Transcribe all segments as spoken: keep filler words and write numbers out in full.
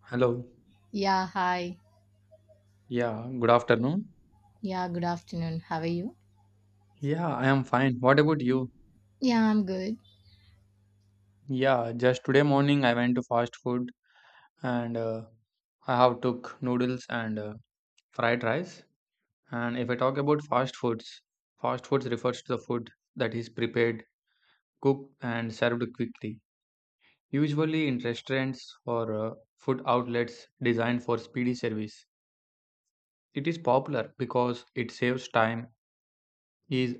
Hello. Yeah, hi. Yeah, good afternoon. Yeah, good afternoon. How are you? Yeah, I am fine. What about you? Yeah, I'm good. Yeah, just today morning I went to fast food and uh, I have took noodles and uh, fried rice. And if I talk about fast foods, fast foods refers to the food that is prepared, cooked and served quickly, usually in restaurants or uh, food outlets designed for speedy service. It is popular because it saves time, is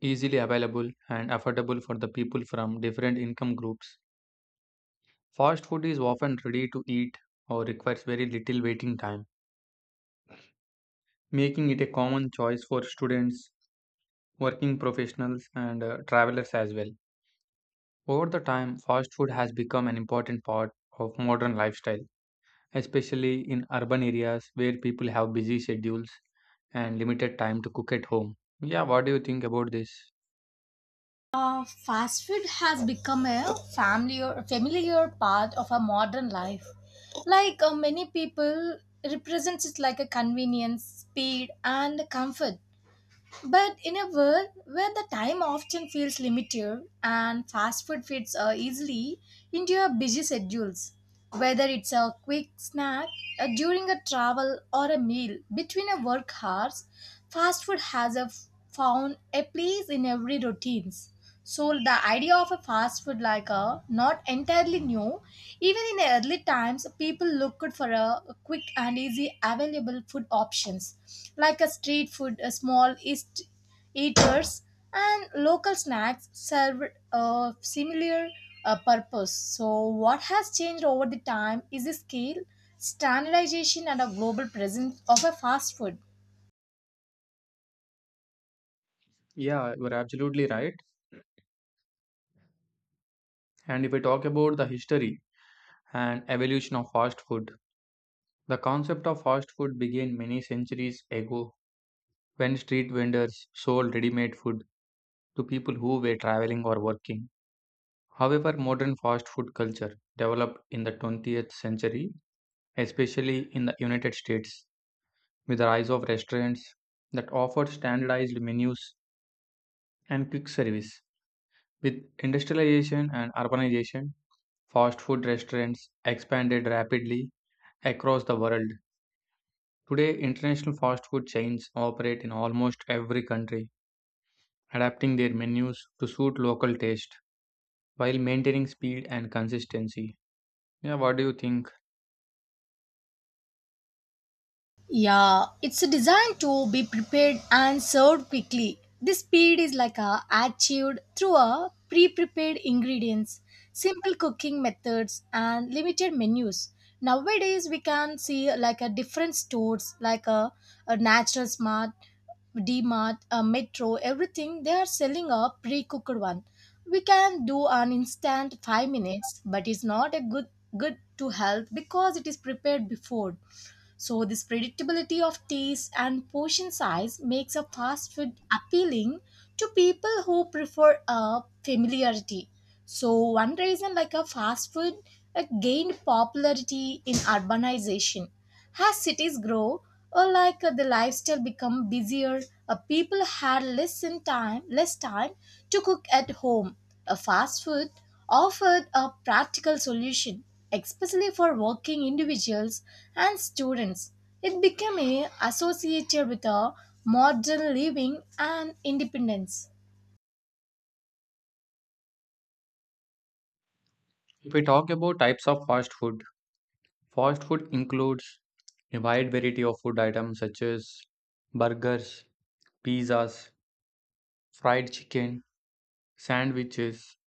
easily available and affordable for the people from different income groups. Fast food is often ready to eat or requires very little waiting time, making it a common choice for students, working professionals, and uh, travelers as well. Over the time, fast food has become an important part of modern lifestyle, especially in urban areas where people have busy schedules and limited time to cook at home. Yeah, what do you think about this? Uh, fast food has become a familiar, familiar part of our modern life. Like uh, many people, represents it like a convenience, speed, and comfort. But in a world where the time often feels limited and fast food fits uh, easily into your busy schedules, whether it's a quick snack uh, during a travel or a meal between a work hours, fast food has a f- found a place in every routines. So the idea of a fast food like a not entirely new. Even in early times, people looked for a quick and easy available food options like a street food, a small east eaters and local snacks served a similar uh, purpose. So what has changed over the time is the scale, standardization and a global presence of a fast food. Yeah, you're absolutely right. And if I talk about the history, and evolution of fast food. The concept of fast food began many centuries ago when street vendors sold ready made food to people who were traveling or working. However, modern fast food culture developed in the twentieth century, especially in the United States, with the rise of restaurants that offer standardized menus and quick service. With industrialization and urbanization, fast food restaurants expanded rapidly across the world. Today, international fast food chains operate in almost every country, adapting their menus to suit local taste while maintaining speed and consistency. Yeah, what do you think? Yeah, it's designed to be prepared and served quickly. This speed is like a achieved through a pre-prepared ingredients, simple cooking methods, and limited menus. Nowadays, we can see like a different stores like a, a natural smart, DMart, a Metro, everything they are selling a pre-cooked one. We can do an instant five minutes, but it's not a good good to health because it is prepared before. So, this predictability of taste and portion size makes a fast food appealing to people who prefer a familiarity. So, one reason like a fast food uh, gained popularity in urbanization. As cities grow, or like uh, the lifestyle become busier, uh, people had less in time, less time to cook at home. A fast food offered a practical solution, especially for working individuals and students. It became a- associated with a modern living and independence. If we talk about types of fast food, fast food includes a wide variety of food items such as burgers, pizzas, fried chicken, sandwiches,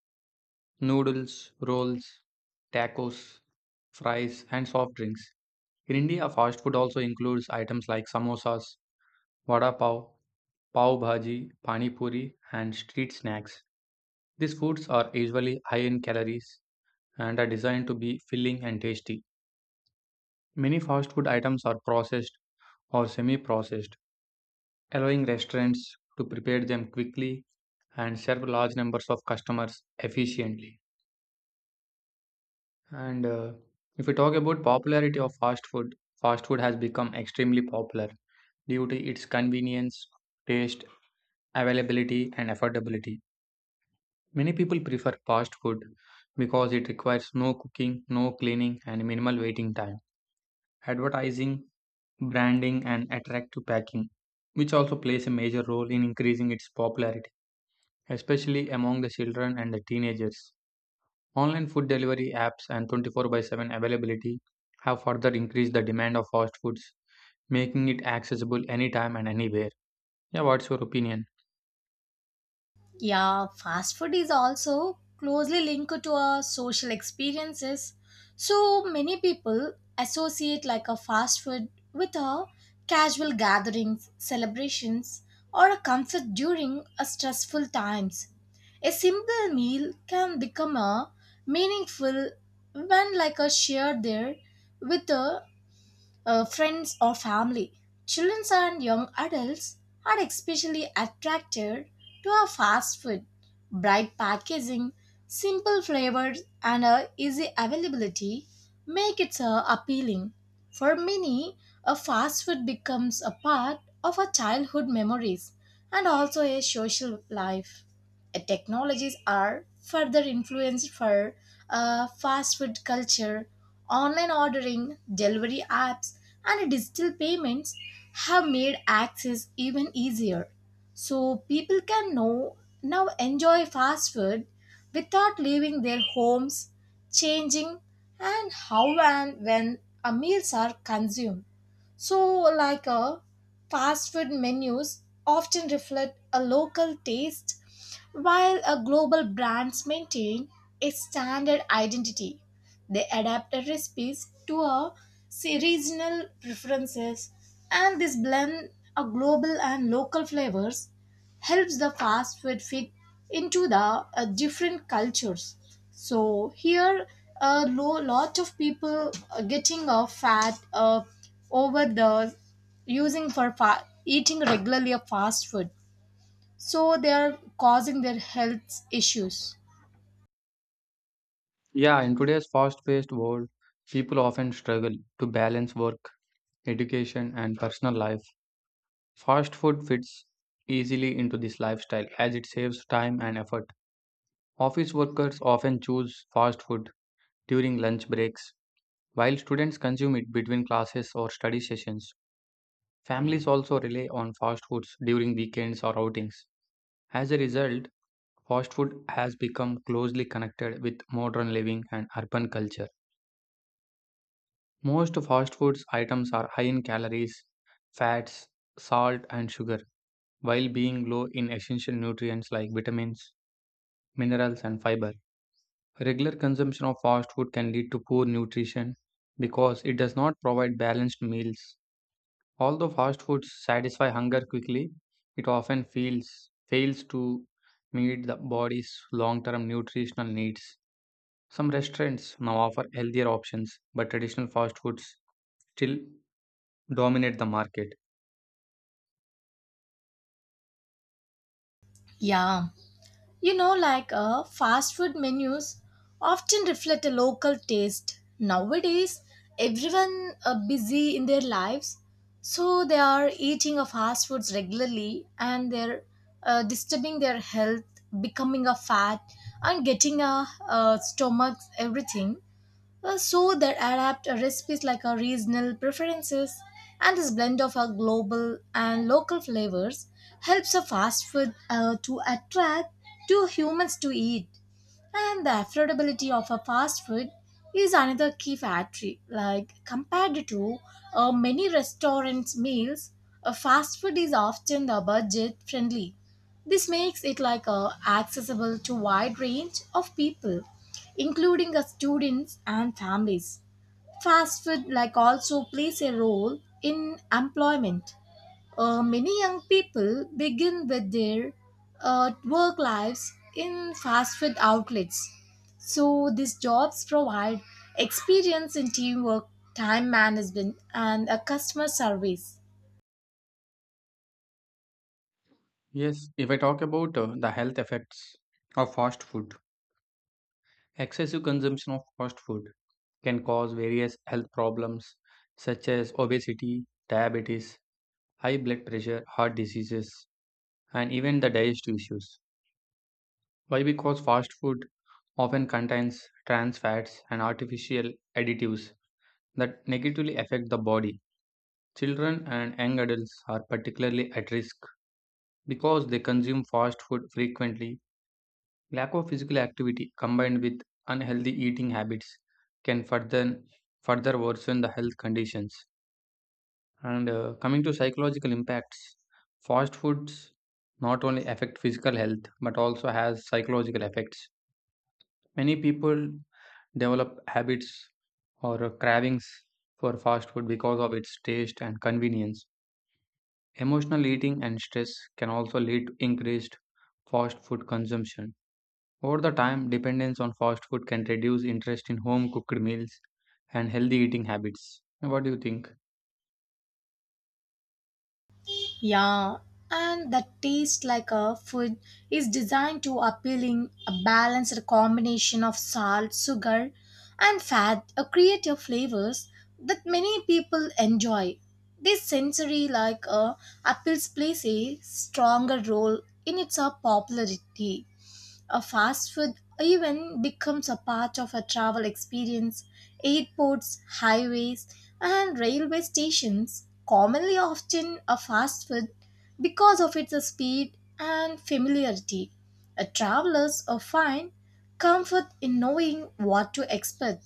noodles, rolls, tacos, fries, and soft drinks. In India, fast food also includes items like samosas, vada pav, pav bhaji, pani puri, and street snacks. These foods are usually high in calories and are designed to be filling and tasty. Many fast food items are processed or semi processed, allowing restaurants to prepare them quickly and serve large numbers of customers efficiently. And uh, If we talk about popularity of fast food, fast food has become extremely popular due to its convenience, taste, availability, and affordability. Many people prefer fast food because it requires no cooking, no cleaning, and minimal waiting time. Advertising, branding, and attractive packing, which also plays a major role in increasing its popularity, especially among the children and the teenagers. Online food delivery apps and twenty-four by seven availability have further increased the demand of fast foods, making it accessible anytime and anywhere. Yeah, what's your opinion? Yeah, fast food is also closely linked to our social experiences. So many people associate like a fast food with a casual gatherings, celebrations, or a comfort during a stressful times. A simple meal can become a meaningful when like a shared there with a uh, friends, or family. Children and young adults are especially attracted to a fast food. Bright packaging, simple flavors, and a easy availability make it uh, appealing. For many, a fast food becomes a part of our childhood memories and also a social life. Uh, Technologies are further influenced for uh, fast food culture. Online ordering, delivery apps, and digital payments have made access even easier. So people can know, now enjoy fast food without leaving their homes, changing and how and when a meals are consumed. So, like a fast food menus often reflect a local taste, while a global brands maintain a standard identity. They adapt their recipes to a se- regional preferences, and this blend a global and local flavors helps the fast food fit into the uh, different cultures, so here a lo- lot of people uh, getting a fat uh, over the using for fa- eating regularly a fast food, so they are causing their health issues. Yeah, in today's fast paced world, people often struggle to balance work education, and personal life. Fast food fits easily into this lifestyle as it saves time and effort. Office workers often choose fast food during lunch breaks, while students consume it between classes or study sessions. Families also rely on fast foods during weekends or outings. As a result, fast food has become closely connected with modern living and urban culture. Most fast foods items are high in calories, fats, salt, and sugar while being low in essential nutrients like vitamins, minerals, and fiber. Regular consumption of fast food can lead to poor nutrition because it does not provide balanced meals. Although fast foods satisfy hunger quickly, it often feels, fails to meet the body's long term nutritional needs. Some restaurants now offer healthier options, but traditional fast foods still dominate the market. Yeah. You know, like uh, fast food menus often reflect a local taste. Nowadays, everyone uh, busy in their lives, so they are eating of fast foods regularly, and they're uh, disturbing their health, becoming a fat, and getting a, uh stomach everything. Uh, so that adapt our recipes like our regional preferences and this blend of our global and local flavors helps a fast food uh, to attract to humans to eat and the affordability of a fast food is another key factor. Like compared to uh, many restaurants' meals, a fast food is often the budget friendly. This makes it like uh, accessible to wide range of people, including uh, students and families. Fast food like also plays a role in employment. Uh, many young people begin with their uh, work lives in fast food outlets. So these jobs provide experience in teamwork, time management, and a customer service. Yes, if I talk about uh, the health effects of fast food, excessive consumption of fast food can cause various health problems such as obesity, diabetes, high blood pressure, heart diseases, and even the digestive issues. Why? Because fast food often contains trans fats and artificial additives that negatively affect the body. Children and young adults are particularly at risk because they consume fast food frequently. Lack of physical activity combined with unhealthy eating habits can further further worsen the health conditions. And uh, Coming to psychological impacts, fast foods not only affect physical health but also has psychological effects. Many people develop habits or cravings for fast food because of its taste and convenience. Emotional eating and stress can also lead to increased fast food consumption. Over the time, dependence on fast food can reduce interest in home cooked meals and healthy eating habits. What do you think? Yeah, and the taste like a food is designed to appealing a balanced combination of salt, sugar, and fat, a creative flavors that many people enjoy. This sensory like uh, appeals plays a stronger role in its uh, popularity. A fast food even becomes a part of a travel experience. Airports, highways, and railway stations commonly often a fast food because of its speed and familiarity. A travelers uh, find comfort in knowing what to expect,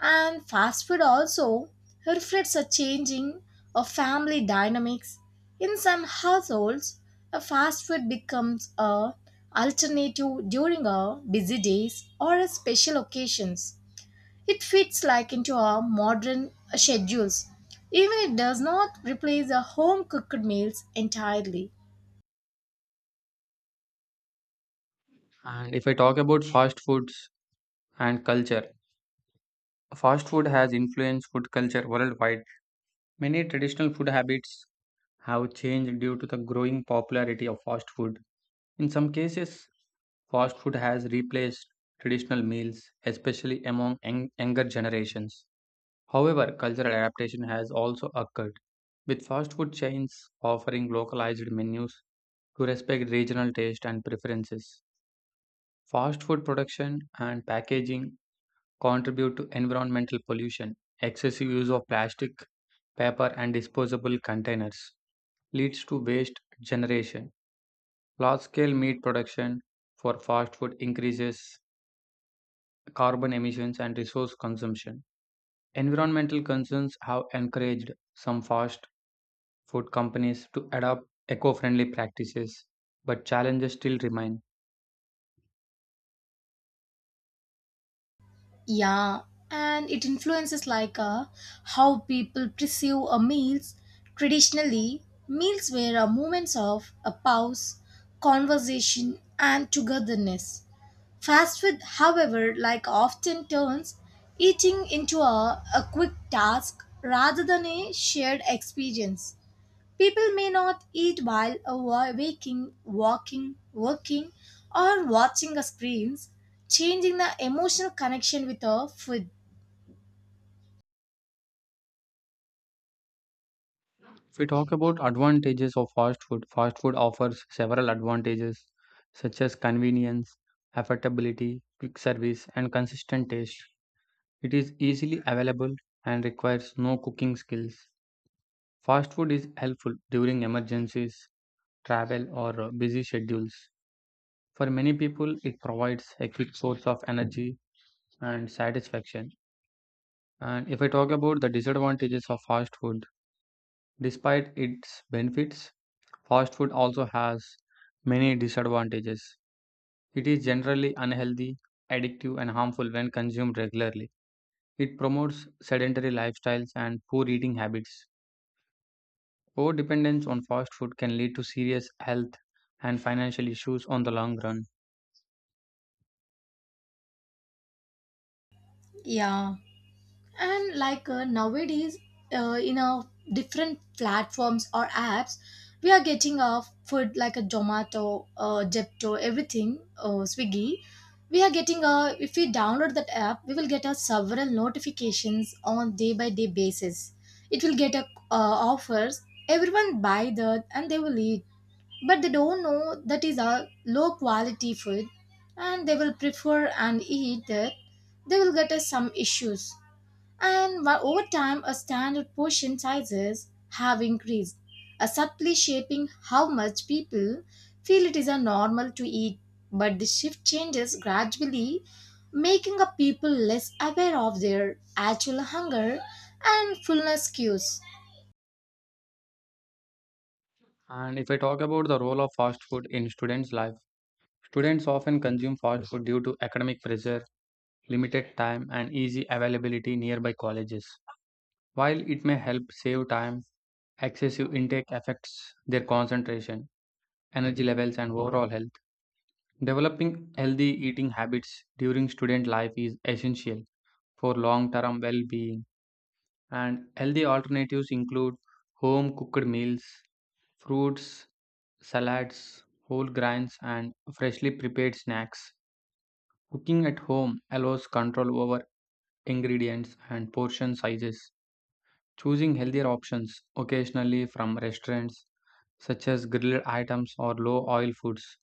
and fast food also reflects a changing of family dynamics. In some households, a fast food becomes a alternative during a busy days or a special occasions. It fits like into our modern schedules. Even it does not replace a home cooked meals entirely. And if I talk about fast foods and culture, fast food has influenced food culture worldwide. Many traditional food habits have changed due to the growing popularity of fast food. In some cases, fast food has replaced traditional meals, especially among young- younger generations. However, cultural adaptation has also occurred. With fast food chains offering localized menus to respect regional taste and preferences, fast food production and packaging contribute to environmental pollution. Excessive use of plastic, paper, and disposable containers leads to waste generation. Large scale meat production for fast food increases carbon emissions and resource consumption. Environmental concerns have encouraged some fast food companies to adopt eco friendly practices, but challenges still remain. Yeah, and it influences like uh, how people perceive a meals. Traditionally, meals were a moments of a pause, conversation, and togetherness. Fast food, however, like often turns eating into a, a quick task rather than a shared experience. People may not eat while awa- waking, walking, working, or watching a screens, changing the emotional connection with a food. If we talk about advantages of fast food, fast food offers several advantages such as convenience, affordability, quick service, and consistent taste. It is easily available and requires no cooking skills. Fast food is helpful during emergencies, travel, or uh, busy schedules. For many people, it provides a quick source of energy and satisfaction. And if I talk about the disadvantages of fast food, despite its benefits, fast food also has many disadvantages. It is generally unhealthy, addictive, and harmful when consumed regularly. It promotes sedentary lifestyles and poor eating habits. Overdependence on fast food can lead to serious health and financial issues on the long run. Yeah. And like uh, nowadays uh, in a different platforms or apps we are getting our food like a Zomato, uh, Jepto, everything, uh, Swiggy. We are getting a if we download that app, we will get a several notifications on day by day basis. It will get a uh, offers. Everyone buy that and they will eat, but they don't know that is a low quality food, and they will prefer and eat that. They will get us some issues, and while over time, our standard portion sizes have increased, uh, subtly shaping how much people feel it is a normal to eat. But the shift changes gradually, making a people less aware of their actual hunger and fullness cues. And if I talk about the role of fast food in students' life, students often consume fast food due to academic pressure limited time, and easy availability nearby colleges. While it may help save time, excessive intake affects their concentration, energy levels, and overall health. Developing healthy eating habits during student life is essential for long term well being, and healthy alternatives include home cooked meals, fruits, salads, whole grains, and freshly prepared snacks. Cooking at home allows control over ingredients and portion sizes. Choosing healthier options occasionally from restaurants, such as grilled items or low oil foods,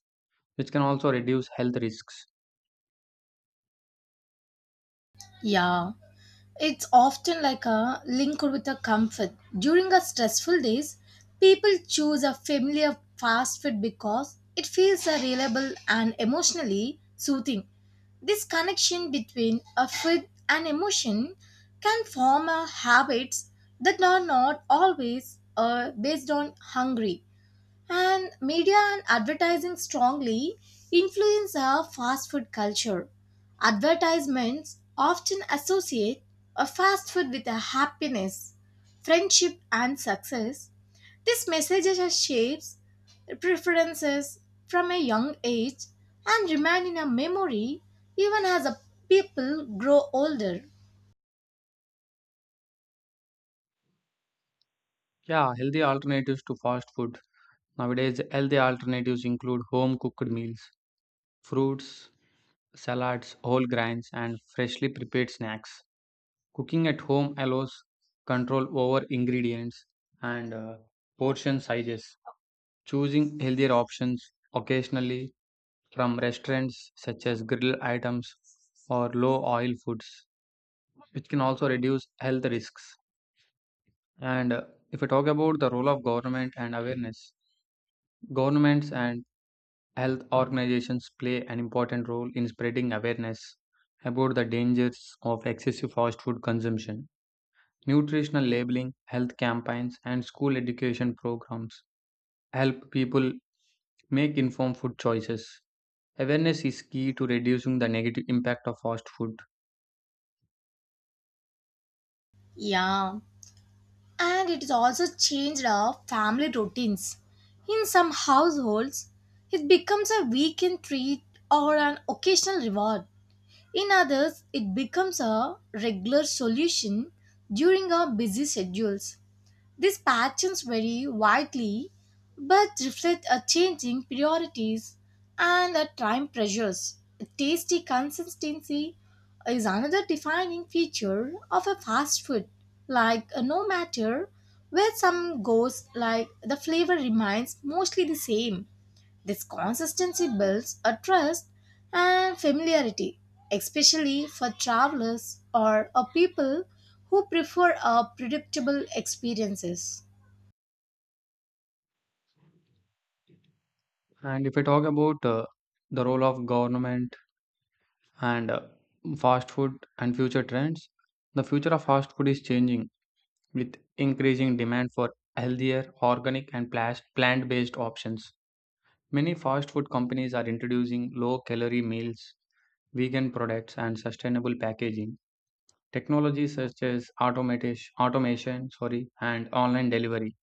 which can also reduce health risks. Yeah. It's often like a linked with a comfort. During a stressful days, people choose a familiar fast food because it feels a reliable and emotionally soothing. This connection between a food and emotion can form a habits that are not always uh, based on hungry. And media and advertising strongly influence our fast food culture. Advertisements often associate a fast food with a happiness, friendship, and success. This messages are shapes preferences from a young age and remain in a memory even as a people grow older. Yeah, healthy alternatives to fast food. Nowadays, healthy alternatives include home cooked meals, fruits, salads, whole grains, and freshly prepared snacks. Cooking at home allows control over ingredients and uh, portion sizes. Choosing healthier options occasionally from restaurants such as grill items or low oil foods, which can also reduce health risks. And uh, If we talk about the role of government and awareness, governments and health organizations play an important role in spreading awareness about the dangers of excessive fast food consumption. Nutritional labeling, health campaigns, and school education programs help people make informed food choices. Awareness is key to reducing the negative impact of fast food. Yeah. And it is also changed our family routines. In some households, it becomes a weekend treat or an occasional reward. In others, it becomes a regular solution during our busy schedules. These patterns vary widely but reflect a changing priorities and a time pressures. Tasty consistency is another defining feature of a fast food. Like uh, no matter where some goes, like the flavor remains mostly the same. This consistency builds a trust and familiarity, especially for travelers or a people who prefer a predictable experiences. And if I talk about uh, the role of government and uh, fast food and future trends, the future of fast food is changing with increasing demand for healthier, organic, and plas- plant-based options. Many fast food companies are introducing low-calorie meals, vegan products, and sustainable packaging. Technologies such as automation, automation, sorry, and online delivery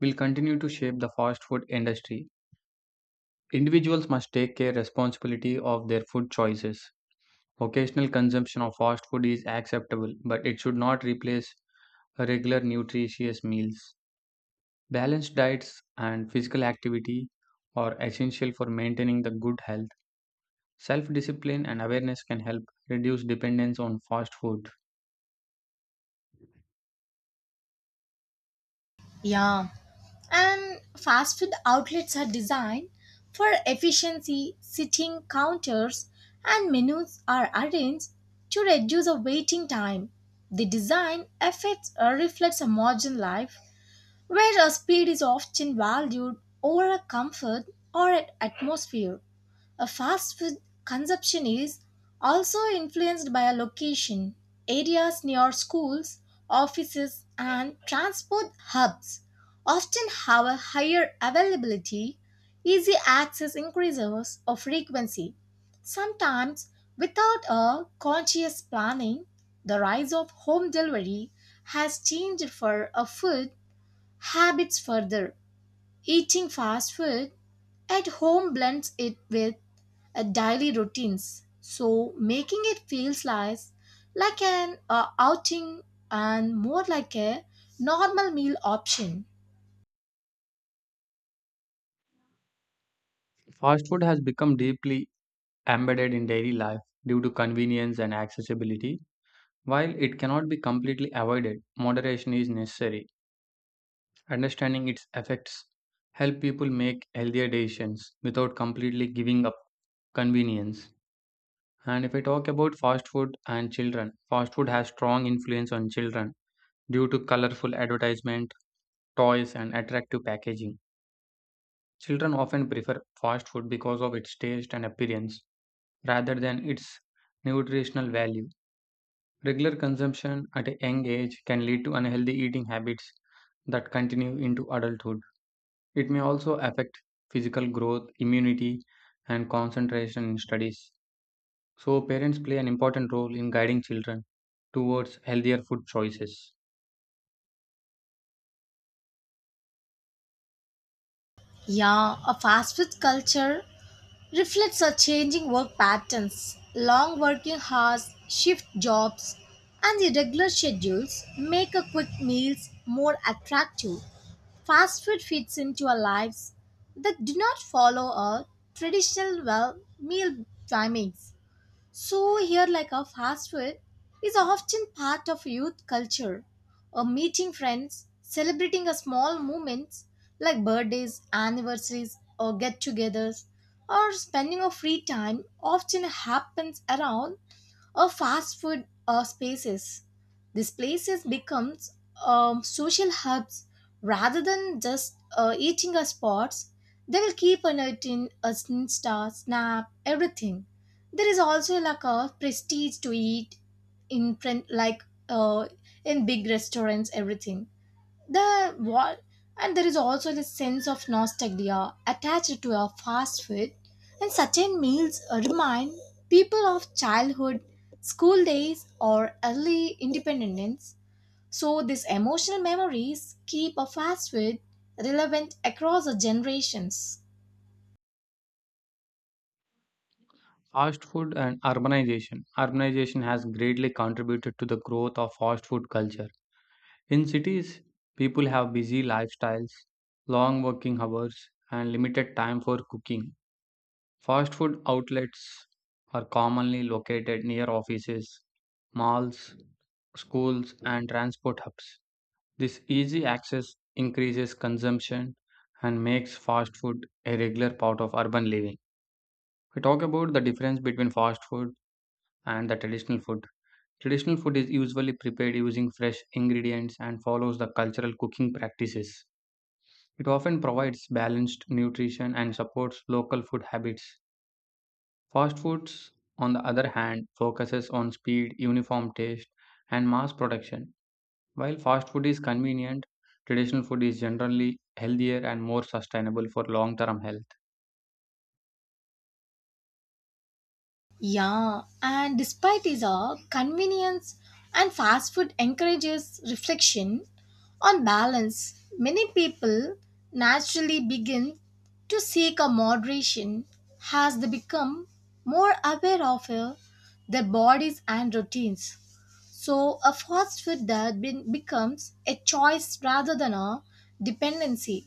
will continue to shape the fast food industry. Individuals must take care responsibility of their food choices. Occasional consumption of fast food is acceptable, but it should not replace regular nutritious meals. Balanced diets and physical activity are essential for maintaining the good health. Self discipline and awareness can help reduce dependence on fast food. Yeah, and fast food outlets are designed for efficiency, sitting counters and menus are arranged to reduce the waiting time. The design affects or reflects a modern life where a speed is often valued over a comfort or an atmosphere. A fast food consumption is also influenced by a location, areas near schools, offices, and transport hubs often have a higher availability, easy access increases of frequency. Sometimes, without a conscious planning, the rise of home delivery has changed for a food habits further. Eating fast food at home blends it with uh, daily routines, so making it feels like like an uh, outing and more like a normal meal option. Fast food has become deeply embedded in daily life due to convenience and accessibility. While it cannot be completely avoided, moderation is necessary. Understanding its effects help people make healthier decisions without completely giving up convenience. And if I talk about fast food and children, fast food has strong influence on children due to colorful advertisement, toys and attractive packaging. Children often prefer fast food because of its taste and appearance rather than its nutritional value. Regular consumption at a young age can lead to unhealthy eating habits that continue into adulthood. It may also affect physical growth, immunity, and concentration in studies. So, parents play an important role in guiding children towards healthier food choices. Yeah, a fast food culture reflects our changing work patterns. Long working hours, shift jobs, and irregular schedules make a quick meals more attractive. Fast food fits into our lives that do not follow our traditional well meal timings. So here like a fast food is often part of youth culture or meeting friends, celebrating a small moments like birthdays, anniversaries or get-togethers or spending of free time often happens around or fast food uh, spaces. These places becomes um, social hubs rather than just uh, eating our spots. They will keep alerting us Insta, Snap, everything. There is also like a prestige to eat in print, like uh, in big restaurants, everything the what, and there is also the sense of nostalgia attached to our fast food, and certain meals remind people of childhood, school days, or early independence. So these emotional memories keep a fast food relevant across the generations. Fast food and urbanization. Urbanization has greatly contributed to the growth of fast food culture. In cities, people have busy lifestyles, long working hours, and limited time for cooking. Fast food outlets are commonly located near offices, malls, schools, and transport hubs. This easy access increases consumption and makes fast food a regular part of urban living. We talk about the difference between fast food and the traditional food. Traditional food is usually prepared using fresh ingredients and follows the cultural cooking practices. It often provides balanced nutrition and supports local food habits. Fast foods, on the other hand, focuses on speed, uniform taste, and mass production. While fast food is convenient, traditional food is generally healthier and more sustainable for long term health. Yeah, and despite its uh, convenience and fast food encourages reflection, on balance, many people naturally begin to seek a moderation as they become more aware of uh, their bodies and routines. So, a fast food diet be- becomes a choice rather than a dependency.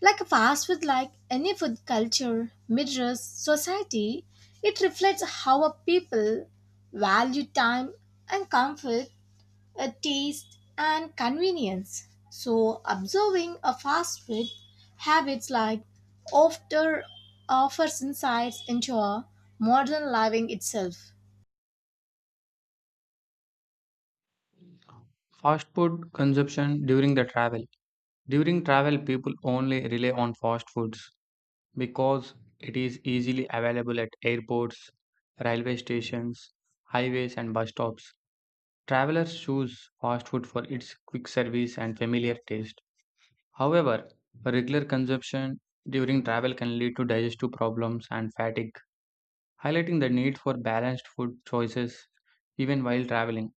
Like fast food, like any food culture, mirrors society. It reflects how a people value time and comfort, a taste and convenience. So observing a fast food habits like after offers insights into a modern living itself. Fast food consumption during the travel. During travel, people only rely on fast foods because it is easily available at airports, railway stations, highways, and bus stops. Travelers choose fast food for its quick service and familiar taste. However, regular consumption during travel can lead to digestive problems and fatigue, highlighting the need for balanced food choices even while traveling.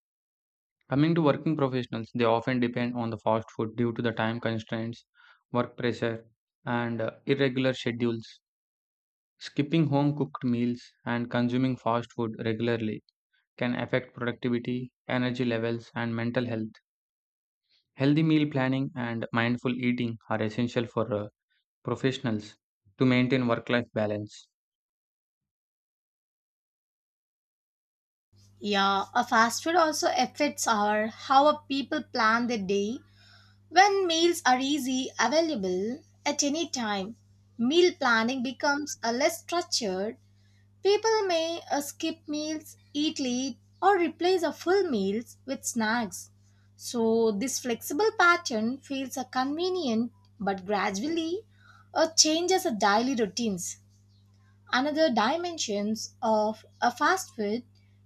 Coming to working professionals, they often depend on the fast food due to the time constraints, work pressure, and uh, irregular schedules. Skipping home cooked meals and consuming fast food regularly can affect productivity, energy levels, and mental health. Healthy meal planning and mindful eating are essential for uh, professionals to maintain work life balance. Yeah, a fast food also affects our how a people plan their day. When meals are easy, available at any time, meal planning becomes a less structured. People may uh, skip meals, eat late, or replace a full meals with snacks. So this flexible pattern feels a convenient but gradually uh, changes the daily routines. Another dimensions of a fast food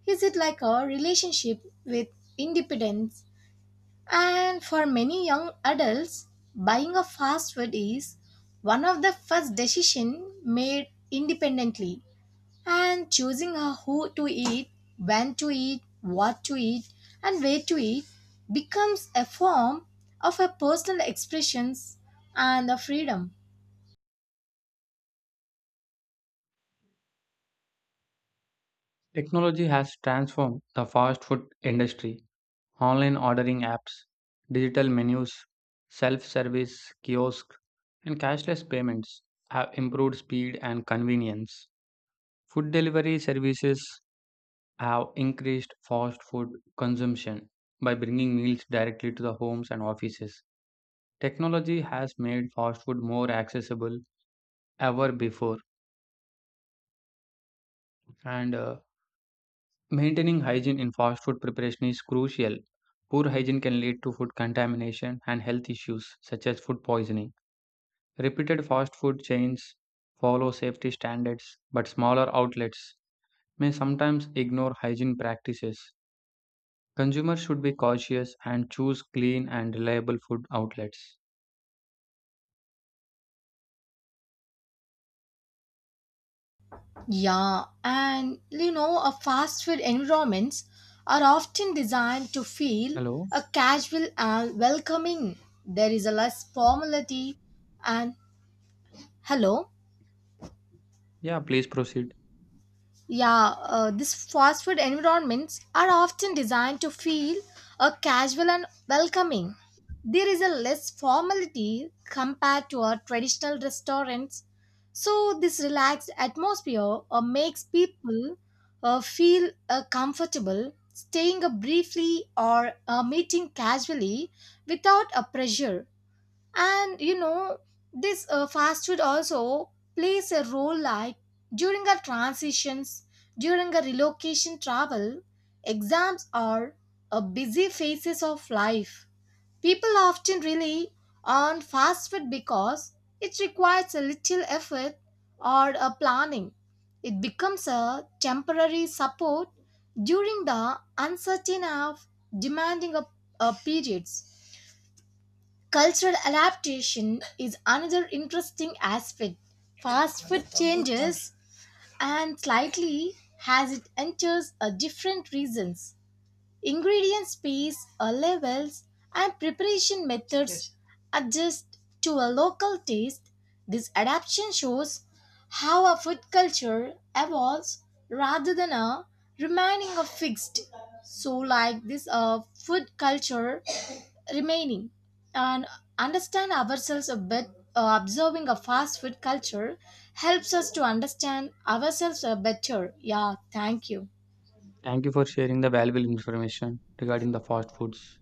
is it like a relationship with independence, and for many young adults, buying a fast food is one of the first decision made independently, and choosing a who to eat, when to eat, what to eat and where to eat becomes a form of a personal expressions and a freedom. Technology has transformed the fast food industry. Online ordering apps, digital menus, self service kiosks, and cashless payments have improved speed and convenience. Food delivery services have increased fast food consumption by bringing meals directly to the homes and offices. Technology has made fast food more accessible ever before, and uh, maintaining hygiene in fast food preparation is crucial. Poor hygiene can lead to food contamination and health issues such as food poisoning. Repeated fast food chains follow safety standards, but smaller outlets may sometimes ignore hygiene practices. Consumers should be cautious and choose clean and reliable food outlets. Yeah, and you know, a fast food environments are often designed to feel Hello? a casual and welcoming. There is a less formality and hello. Yeah, please proceed. Yeah, uh, these fast food environments are often designed to feel uh, casual and welcoming. There is a less formality compared to our traditional restaurants, so this relaxed atmosphere uh, makes people uh, feel uh, comfortable staying uh, briefly or uh, meeting casually without a pressure, and you know this uh, fast food also plays a role like during our transitions during a relocation travel exams are a busy phases of life, people often rely on fast food because it requires a little effort or a planning, it becomes a temporary support during the uncertain of demanding of uh, periods. Cultural adaptation is another interesting aspect. Fast food changes and slightly as it enters a different regions. Ingredient space uh, levels and preparation methods adjust to a local taste. This adaptation shows how a food culture evolves rather than a remaining a fixed. So, like this, uh, food culture remaining and understand ourselves a bit. Uh, observing a fast food culture helps us to understand ourselves uh, better. Yeah, thank you. Thank you for sharing the valuable information regarding the fast foods.